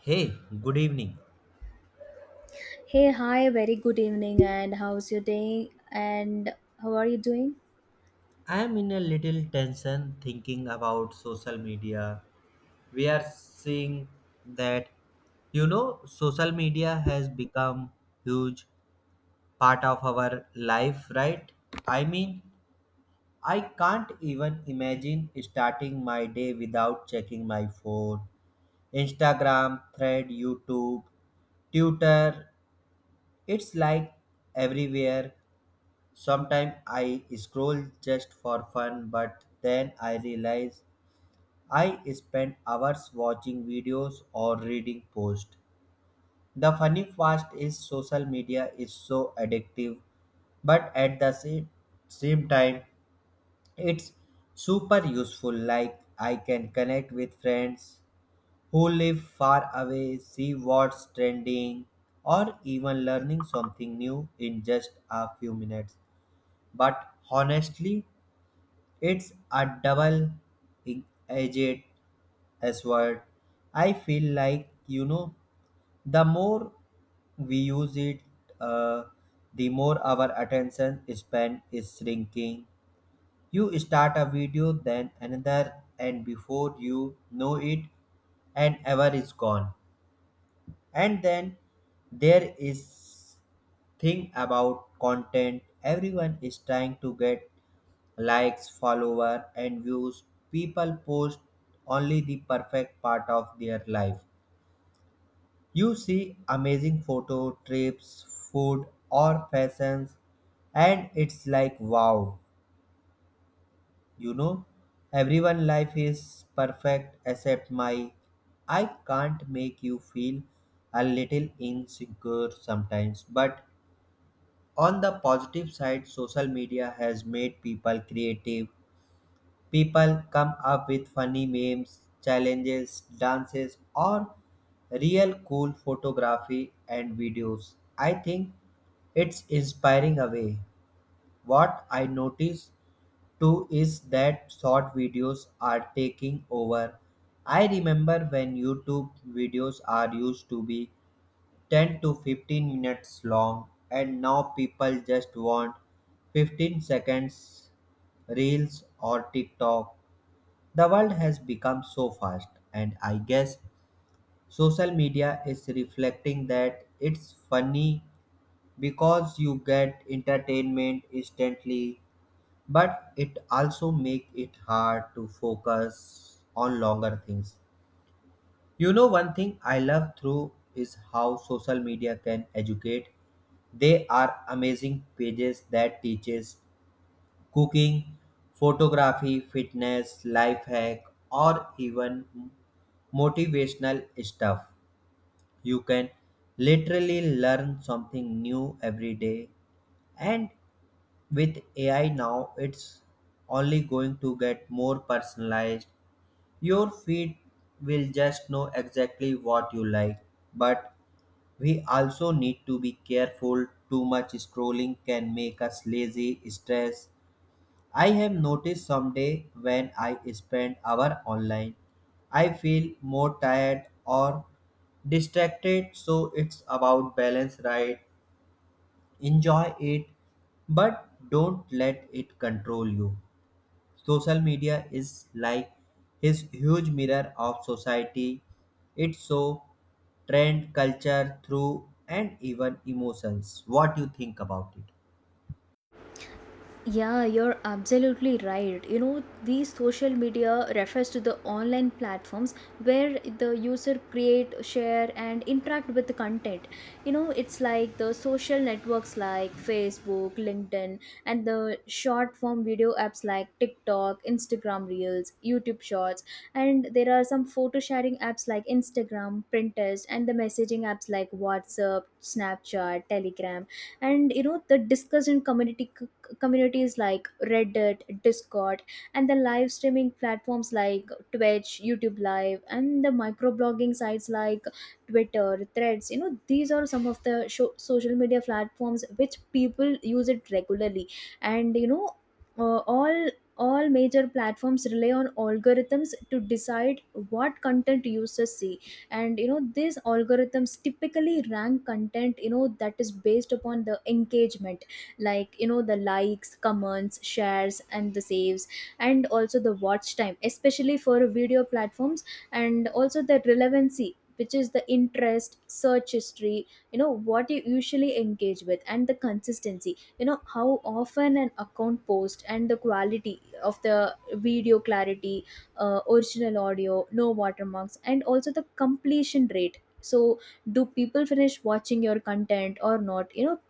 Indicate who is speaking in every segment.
Speaker 1: Hey, good evening.
Speaker 2: Hey, hi, very good evening, and how's your day? And how are you doing?
Speaker 1: I am in a little tension thinking about social media. We are seeing that, social media has become huge part of our life, right? I mean, I can't even imagine starting my day without checking my phone. Instagram, Thread, YouTube, Twitter, it's like everywhere. Sometimes I scroll just for fun, but then I realize I spend hours watching videos or reading posts. The funny part is social media is so addictive, but at the same time, it's super useful. Like I can connect with friends who live far away, see what's trending, or even learning something new in just a few minutes. But honestly, it's a double edged sword. I feel like, the more we use it, uh, the more our attention span is shrinking. You start a video, then another, and before you know it, an hour is gone. And then there is thing about content. Everyone is trying to get likes, follower, and views. People post only the perfect part of their life. You see amazing photo, trips, food, or fashions, and it's like wow, you know, everyone life is perfect except my. I can't make you feel a little insecure sometimes, but on the positive side, social media has made people creative. People come up with funny memes, challenges, dances, or real cool photography and videos. I think it's inspiring a way. What I notice too is that short videos are taking over. I remember when YouTube videos are used to be 10 to 15 minutes long, and now people just want 15 seconds reels or TikTok. The world has become so fast, and I guess social media is reflecting that. It's funny because you get entertainment instantly, but it also make it hard to focus on longer things. You know one thing I love through is how social media can educate. They are amazing pages that teaches cooking, photography, fitness, life hack or even motivational stuff. You can literally learn something new every day. And with AI now, it's only going to get more personalized. Your feed will just know exactly what you like. But we also need to be careful. Too much scrolling can make us lazy, stressed, I have noticed some day when I spend hour online, I feel more tired or distracted. So it's about balance, right? Enjoy it, but don't let it control you. Social media is like his huge mirror of society. It's so trend, culture, through and even emotions. What do you think about it?
Speaker 2: Yeah, you're absolutely right. You know, these social media refers to the online platforms where the user create, share and interact with the content. You know, it's like the social networks like Facebook, LinkedIn and the short form video apps like TikTok, Instagram Reels, YouTube Shorts, and there are some photo sharing apps like Instagram, Pinterest, and the messaging apps like WhatsApp, Snapchat, Telegram, and you know the discussion community communities like Reddit, Discord, and the live streaming platforms like Twitch, YouTube Live, and the microblogging sites like Twitter, Threads. You know, these are some of the social media platforms which people use it regularly. And you know, uh, all all major platforms rely on algorithms to decide what content users see. And you know, these algorithms typically rank content, you know, that is based upon the engagement, like, you know, the likes, comments, shares, and the saves, and also the watch time, especially for video platforms, and also the relevancy, which is the interest, search history, you know, what you usually engage with, and the consistency, you know, how often an account posts, and the quality of the video, clarity, original audio, no watermarks, and also the completion rate. So do people finish watching your content or not? You know,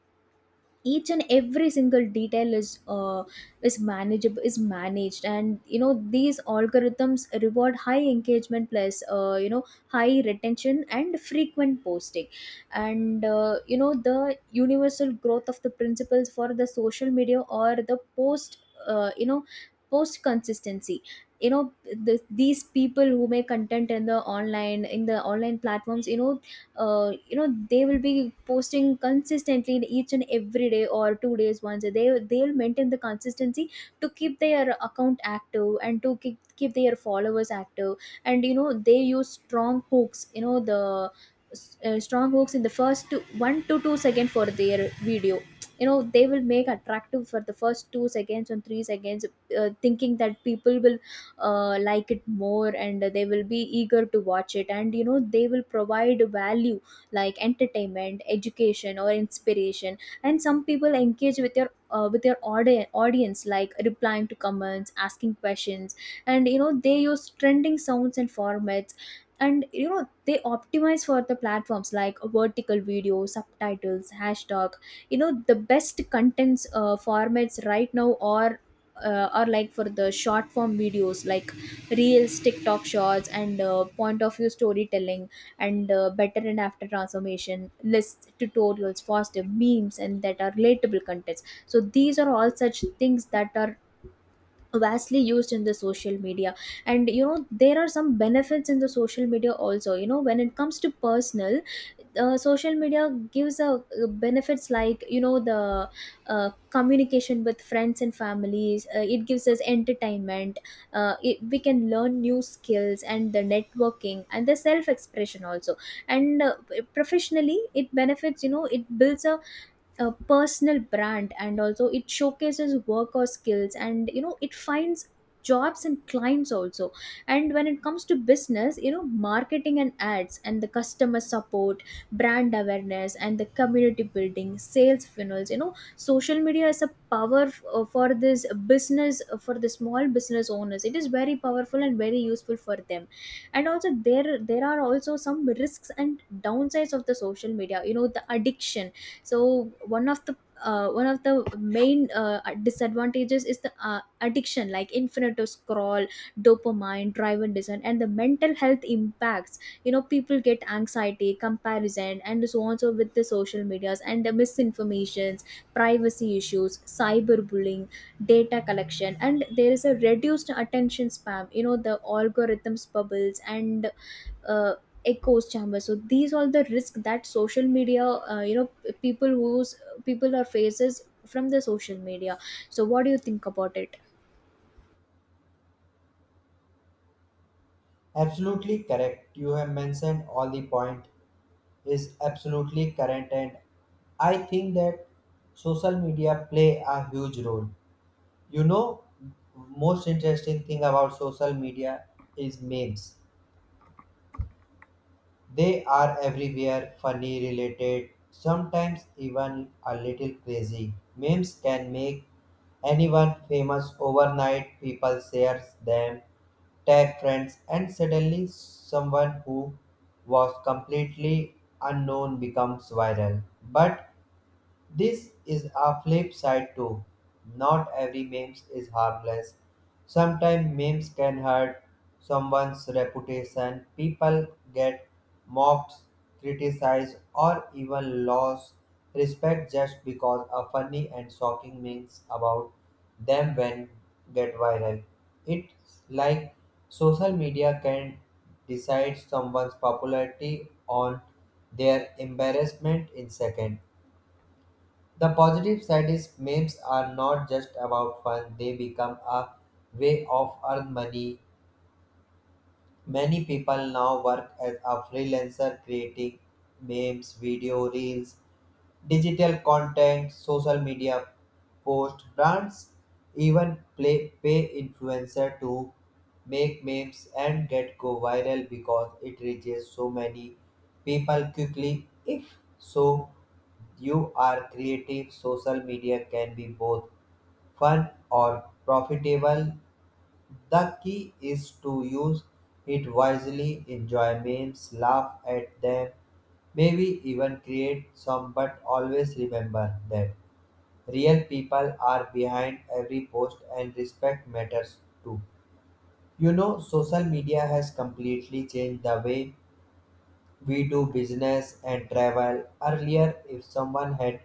Speaker 2: each and every single detail is manageable is managed. And you know, these algorithms reward high engagement, plus you know, high retention and frequent posting. And you know, the universal growth of the principles for the social media or the post, you know, post consistency. You know, these people who make content in the online platforms, you know, you know, they will be posting consistently each and every day or 2 days once. They they'll maintain the consistency to keep their account active and to keep their followers active. And you know, they use strong hooks. You know, the strong hooks in the 1 to 2 second for their video. You know, they will make attractive for the first 2 seconds and 3 seconds, thinking that people will like it more, and they will be eager to watch it. And you know, they will provide value, like entertainment, education, or inspiration. And some people engage with your with your audience, like replying to comments, asking questions. And you know, they use trending sounds and formats. And you know, they optimize for the platforms, like vertical video, subtitles, hashtag. You know, the best contents formats right now are or like for the short form videos like Reels, TikTok Shorts, and point of view storytelling, and better and after transformation, lists, tutorials, faster memes, and that are relatable contents. So these are all such things that are vastly used in the social media. And you know, there are some benefits in the social media also. You know, when it comes to personal, social media gives a benefits, like, you know, the communication with friends and families, it gives us entertainment, we can learn new skills, and the networking and the self expression also. And professionally it benefits. You know, it builds a personal brand, and also it showcases work or skills. And you know, it finds jobs and clients also. And when it comes to business, you know, marketing and ads and the customer support, brand awareness and the community building, sales funnels. You know, social media is a for this business, for the small business owners, it is very powerful and very useful for them. And also there are also some risks and downsides of the social media. You know, the addiction, so one of the main disadvantages is the addiction, like infinite scroll, dopamine driven design, and the mental health impacts. You know, people get anxiety, comparison, and so on, so with the social medias, and the misinformations, privacy issues, cyberbullying, data collection, and there is a reduced attention spam. You know, the algorithms, bubbles, and uh, echoes chamber. So these are the risks that social media, you know, people whose people are faces from the social media. So what do you think about it?
Speaker 1: Absolutely correct. You have mentioned all the point. Is absolutely current, and I think that social media play a huge role. You know, most interesting thing about social media is memes. They are everywhere, funny, related, sometimes even a little crazy. Memes can make anyone famous overnight. People share them, tag friends, and suddenly someone who was completely unknown becomes viral. But this is a flip side too. Not every memes is harmless. Sometimes memes can hurt someone's reputation. People get mocked, criticized, or even lost respect just because a funny and shocking memes about them when get viral. It's like social media can decide someone's popularity on their embarrassment in seconds. The positive side is memes are not just about fun, they become a way of earn money. Many people now work as a freelancer creating memes, video reels, digital content, social media posts. Brands even play, pay influencer to make memes and get go viral because it reaches so many people quickly. If so, you are creative, social media can be both fun or profitable. The key is to use it wisely, enjoy memes, laugh at them, maybe even create some, but always remember that real people are behind every post and respect matters too. You know, social media has completely changed the way we do business and travel. Earlier, if someone had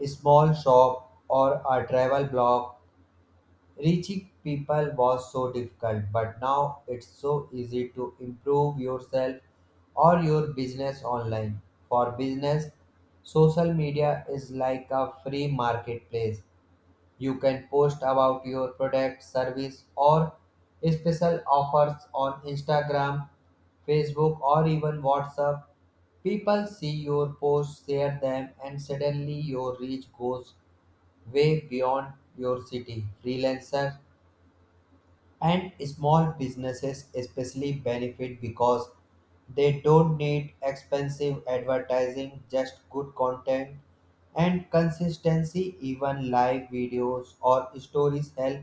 Speaker 1: a small shop or a travel blog, reaching people was so difficult, but now it's so easy to improve yourself or your business online. For business, social media is like a free marketplace. You can post about your product, service, or special offers on Instagram, Facebook, or even WhatsApp. People see your posts, share them, and suddenly your reach goes way beyond your city. Freelancers and small businesses especially benefit because they don't need expensive advertising, just good content and consistency. Even live videos or stories help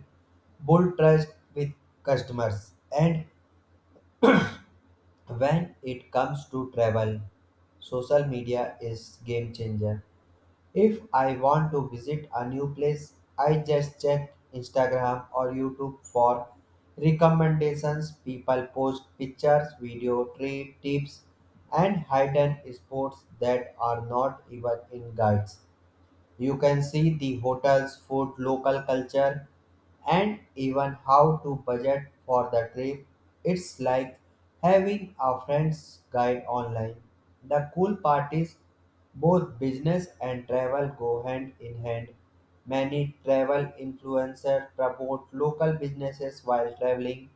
Speaker 1: build trust with customers. And when it comes to travel, social media is game changer. If I want to visit a new place, I just check Instagram or YouTube for recommendations. People post pictures, video, trip tips, and hidden spots that are not even in guides. You can see the hotel's food, local culture, and even how to budget for the trip. It's like having a friend's guide online. The cool part is both business and travel go hand in hand. Many travel influencers promote local businesses while traveling.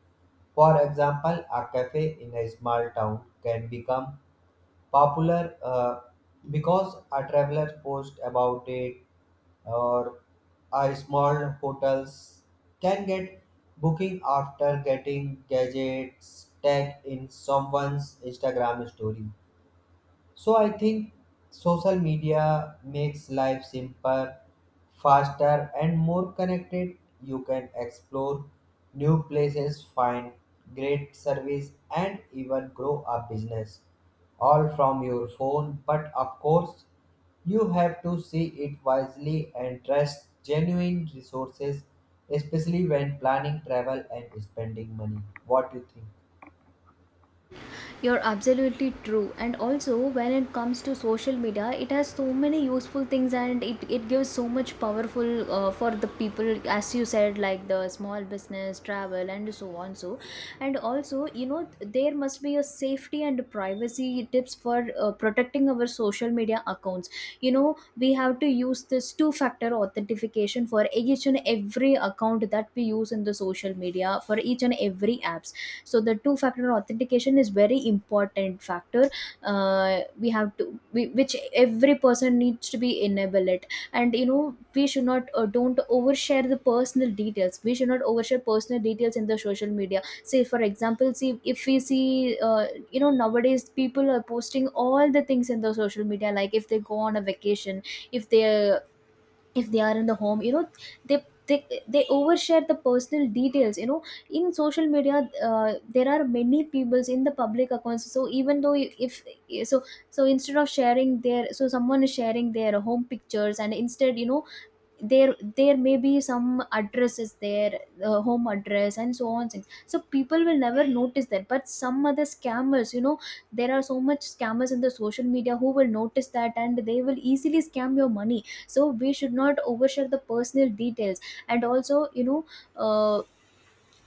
Speaker 1: For example, a cafe in a small town can become popular because a traveler post about it, or a small hotels can get booking after getting gadgets tagged in someone's Instagram story. So I think social media makes life simpler, faster, and more connected. You can explore new places, find great service, and even grow a business all from your phone. But of course, you have to see it wisely and trust genuine resources, especially when planning travel and spending money. What do you think?
Speaker 2: You're absolutely true. And also, when it comes to social media, it has so many useful things, and it gives so much powerful for the people, as you said, like the small business, travel, and so on. So, and also, you know, there must be a safety and privacy tips for protecting our social media accounts. You know, we have to use this two factor authentication for each and every account that we use in the social media, for each and every apps. So the two factor authentication is very important factor. We have to we, which every person needs to be enable it. And you know, we should not don't overshare the personal details. We should not overshare personal details in the social media. Say for example, see if we see, you know, nowadays people are posting all the things in the social media, like if they go on a vacation, if they if they are in the home, you know, they they, they overshare the personal details, you know, in social media. There are many peoples in the public accounts, so if, so so, instead of sharing their, so someone is sharing their home pictures, and instead, you know, there may be some addresses there, the home address and so on things, so people will never notice that, but some other scammers, you know, there are so much scammers in the social media who will notice that, and they will easily scam your money. So we should not overshare the personal details. And also, you know, uh,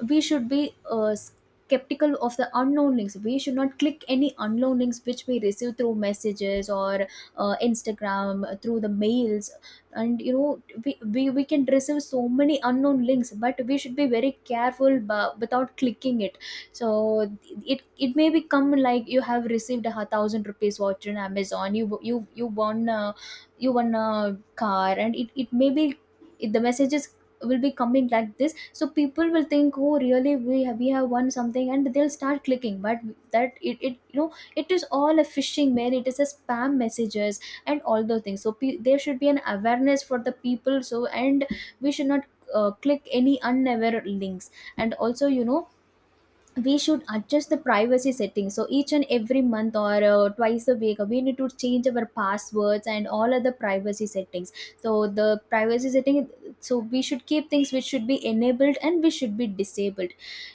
Speaker 2: we should be skeptical of the unknown links. We should not click any unknown links which we receive through messages or Instagram, through the mails. And you know, we can receive so many unknown links, but we should be very careful but without clicking it. So it may become like you have received 1,000 rupees voucher in Amazon, you won you won a car, and it may be the message is will be coming like this, so people will think, oh really, we have won something, and they'll start clicking. But that it, you know, it is all a phishing mail, it is a spam messages, and all those things. So there should be an awareness for the people. So and we should not click any unaware links. And also, you know, we should adjust the privacy settings. So each and every month or twice a week, we need to change our passwords and all other privacy settings. So the privacy setting, so we should keep things which should be enabled and we should be disabled.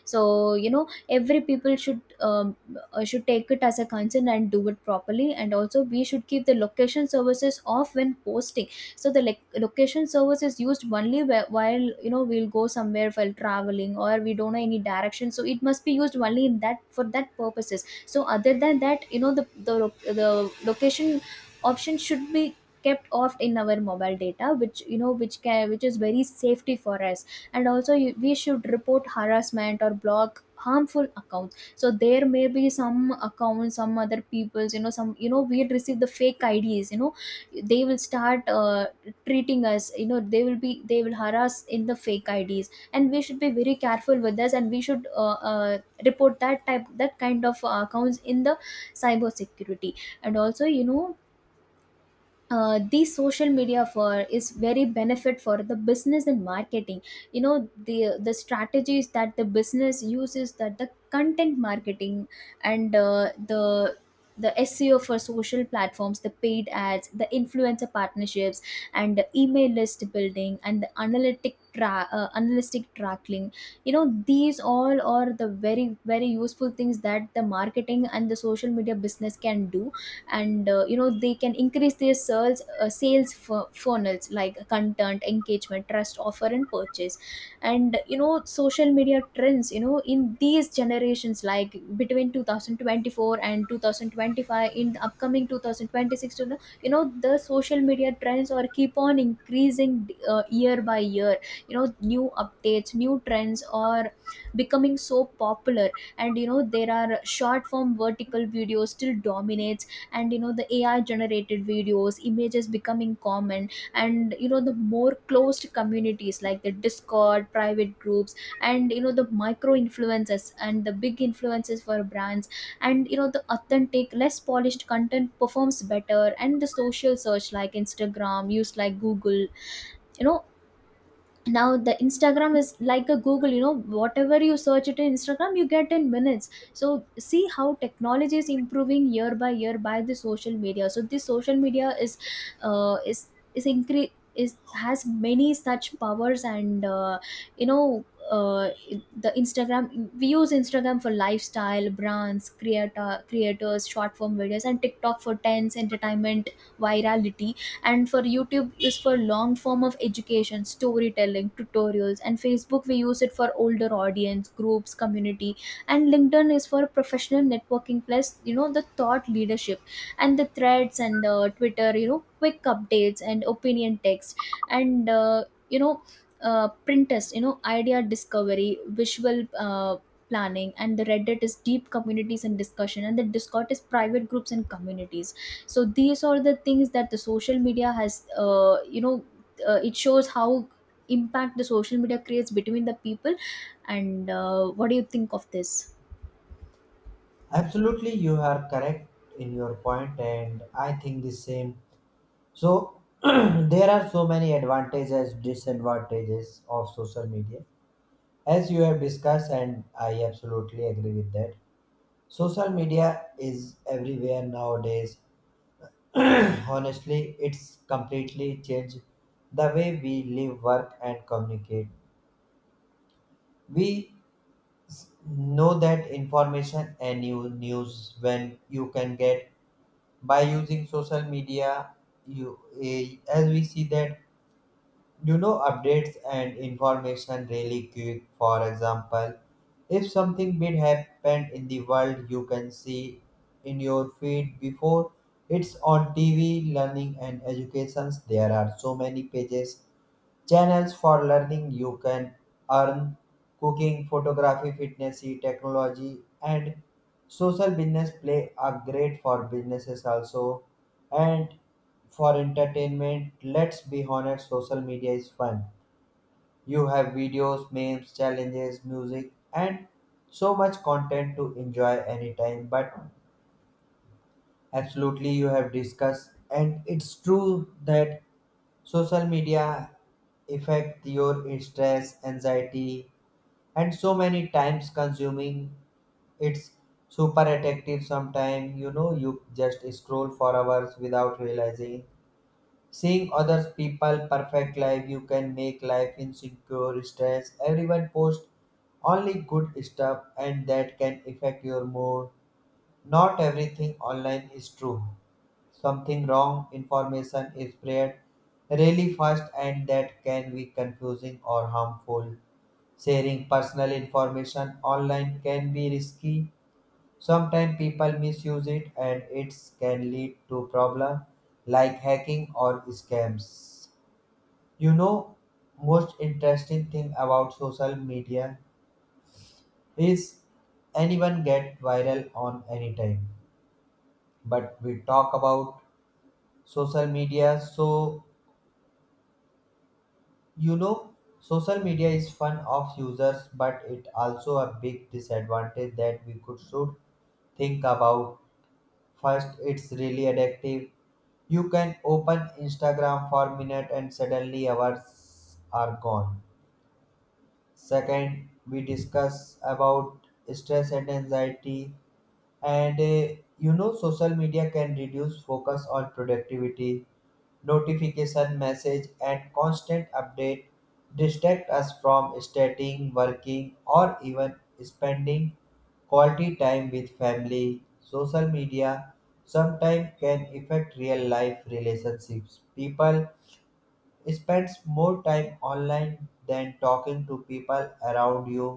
Speaker 2: So you know, every people should take it as a concern and do it properly. And also, we should keep the location services off when posting. So the like location service is used only while, you know, we'll go somewhere while traveling or we don't know any direction, so it must be used only in that for that purposes. So other than that, you know, the location option should be kept off in our mobile data, which, you know, which can, which is very safety for us. And also you, we should report harassment or block harmful accounts. So there may be some accounts, some other people's, you know, some, you know, we receive the fake IDs. You know, they will start treating us. You know, they will be they will harass in the fake IDs, and we should be very careful with this. And we should report that type, that kind of accounts in the cyber security. And also, you know, the social media for is very benefit for the business and marketing. You know, the strategies that the business uses, that the content marketing and the SEO for social platforms, the paid ads, the influencer partnerships, and the email list building, and the analytic tracking. You know, these all are the very very useful things that the marketing and the social media business can do. And you know, they can increase their sales funnels, like content, engagement, trust, offer, and purchase. And you know, social media trends, you know, in these generations, like between 2024 and 2025, in the upcoming 2026, to you know, you know, the social media trends are keep on increasing year by year You know, new updates, new trends are becoming so popular. And you know, there are short form vertical videos still dominate. And you know, the AI generated videos, images becoming common, and you know, the more closed communities like the Discord private groups, and you know, the micro influences and the big influences for brands, and you know, the authentic less polished content performs better, and the social search like Instagram used like Google. You know, now the Instagram is like a Google. You know, whatever you search it in Instagram, you get in minutes. So see how technology is improving year by year by the social media. So this social media is uh, is is has many such powers. And you know uh, the Instagram, we use Instagram for lifestyle brands, creator creators, short form videos, and TikTok for trends, entertainment, virality. And for YouTube is for long form of education, storytelling, tutorials. And Facebook, we use it for older audience groups, community. And LinkedIn is for professional networking plus, you know, the thought leadership. And the Threads and Twitter, you know, quick updates and opinion text. And you know printers, you know, idea discovery, visual planning. And the Reddit is deep communities and discussion, and the Discord is private groups and communities. So these are the things that the social media has. It shows how impact the social media creates between the people. And what do you think of this?
Speaker 1: Absolutely, you are correct in your point, and I think the same. So, there are so many advantages, disadvantages of social media, as you have discussed, and I absolutely agree with that. Social media is everywhere nowadays. Honestly, it's completely changed the way we live, work, and communicate. We know that information and new news when you can get by using social media. You eh, as we see that, you know, updates and information really quick. For example, if something big happened in the world, you can see in your feed before it's on TV. Learning and educations, there are so many pages, channels for learning. You can earn cooking, photography, fitness, technology, and social business play are great for businesses also. And for entertainment, let's be honest, social media is fun. You have videos, memes, challenges, music, and so much content to enjoy anytime. But absolutely, you have discussed, and it's true that social media affect your stress, anxiety, and so many times consuming. It's super addictive. Sometimes you know you just scroll for hours without realizing. Seeing other people perfect life, you can make life insecure, stress. Everyone posts only good stuff, and that can affect your mood. Not everything online is true. Something wrong, information is spread really fast, and that can be confusing or harmful. Sharing personal information online can be risky. Sometimes people misuse it and it can lead to problems like hacking or scams. You know, most interesting thing about social media is anyone get viral on any time. But we talk about social media so you know, social media is fun of users, but it also a big disadvantage that we could should think about. First, it's really addictive. You can open Instagram for a minute and suddenly hours are gone. Second, we discuss about stress and anxiety, and you know, social media can reduce focus on productivity. Notification message and constant update distract us from studying, working, or even spending quality time with family. Social media sometimes can affect real life relationships. People spends more time online than talking to people around you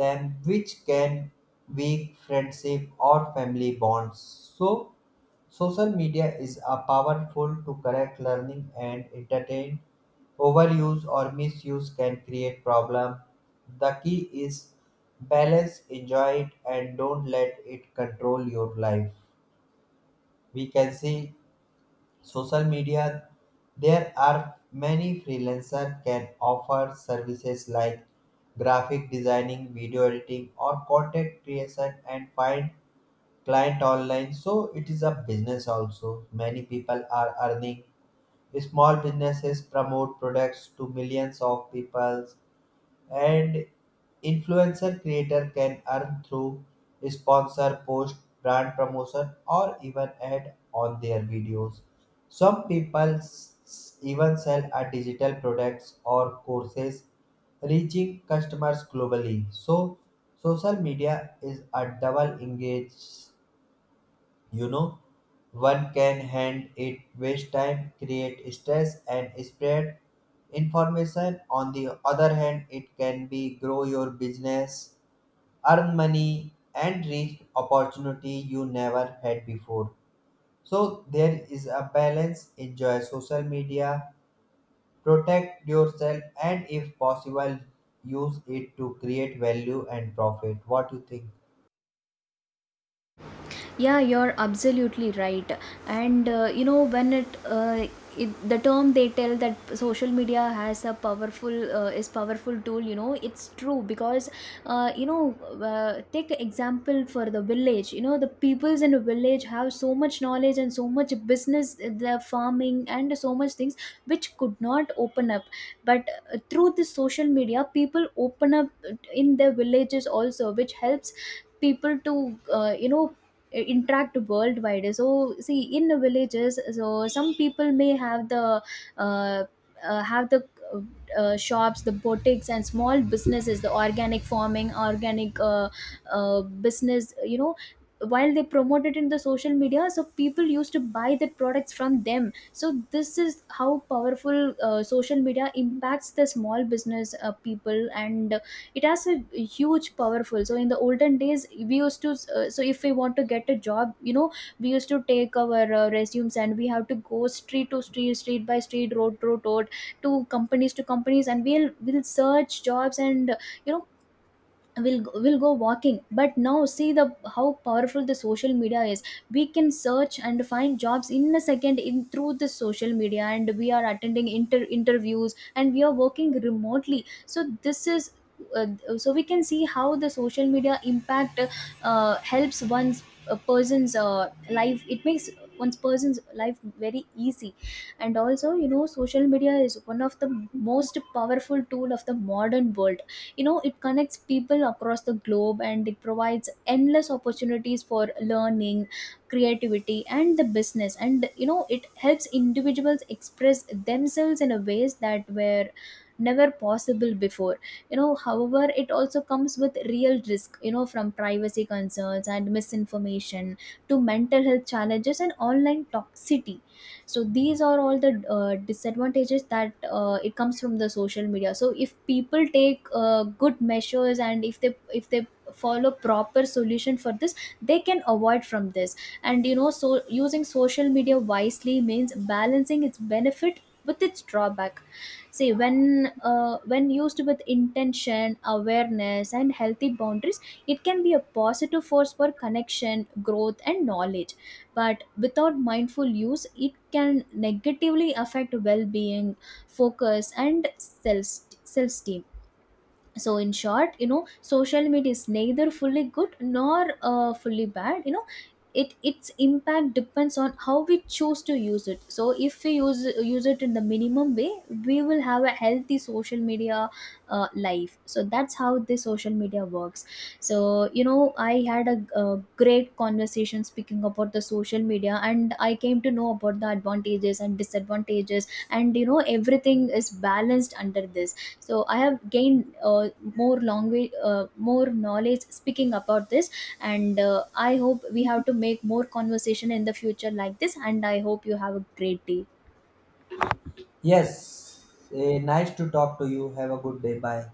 Speaker 1: them, which can weak friendship or family bonds. So social media is a powerful to correct learning and entertain. Overuse or misuse can create problem. The key is balance, enjoy it, and don't let it control your life. We can see social media. There are many freelancer can offer services like graphic designing, video editing, or content creation, and find client online. So it is a business also. Many people are earning. Small businesses promote products to millions of people, and influencer creator can earn through sponsor post, brand promotion, or even ad on their videos. Some people s- even sell a digital products or courses, reaching customers globally. So social media is a double engaged, you know, one can hand it waste time, create stress, and spread information. On the other hand, it can be grow your business, earn money, and reach opportunity you never had before. So there is a balance. Enjoy social media, protect yourself, and if possible, use it to create value and profit. What do you think?
Speaker 2: Yeah, you're absolutely right. and you know when it, it the term they tell that social media has a powerful is powerful tool. You know, it's true because uh, you know take example for the village. You know, the peoples in a village have so much knowledge and so much business, the farming and so much things which could not open up. But through this social media, people open up in their villages also, which helps people to you know, interact worldwide. So see, in the villages, so some people may have the uh, uh, have the uh, shops, the boutiques and small businesses, the organic farming, organic business. You know, while they promote it in the social media, so people used to buy the products from them. So this is how powerful social media impacts the small business people. And it has a huge powerful. So in the olden days, we used to so if we want to get a job, you know, we used to take our resumes, and we have to go street to street, street by street, road to road, to companies, and we'll search jobs. And you know will go walking. But now see the how powerful the social media is. We can search and find jobs in a second in through the social media, and we are attending interviews, and we are working remotely. So this is uh, so we can see how the social media impact helps one's a person's life. It makes one's person's life very easy. And also, you know, social media is one of the most powerful tool of the modern world. You know, it connects people across the globe, and it provides endless opportunities for learning, creativity and the business. And you know, it helps individuals express themselves in a ways that were never possible before. You know, however, it also comes with real risk. You know, from privacy concerns and misinformation to mental health challenges and online toxicity. So these are all the disadvantages that it comes from the social media. So if people take good measures, and if they follow proper solution for this, they can avoid from this. And you know, so using social media wisely means balancing its benefit with its drawback. See when used with intention, awareness and healthy boundaries, it can be a positive force for connection, growth and knowledge. But without mindful use, it can negatively affect well-being, focus and self-esteem. So in short, you know, social media is neither fully good nor fully bad. You know, it its impact depends on how we choose to use it. So if we use it in the minimum way, we will have a healthy social media life. So that's how this social media works. So you know, I had a great conversation speaking about the social media, and I came to know about the advantages and disadvantages, and you know, everything is balanced under this. So I have gained more long way, more knowledge speaking about this. And I hope we have to make more conversation in the future like this, and I hope you have a great day.
Speaker 1: Yes, eh, nice to talk to you. Have a good day. Bye.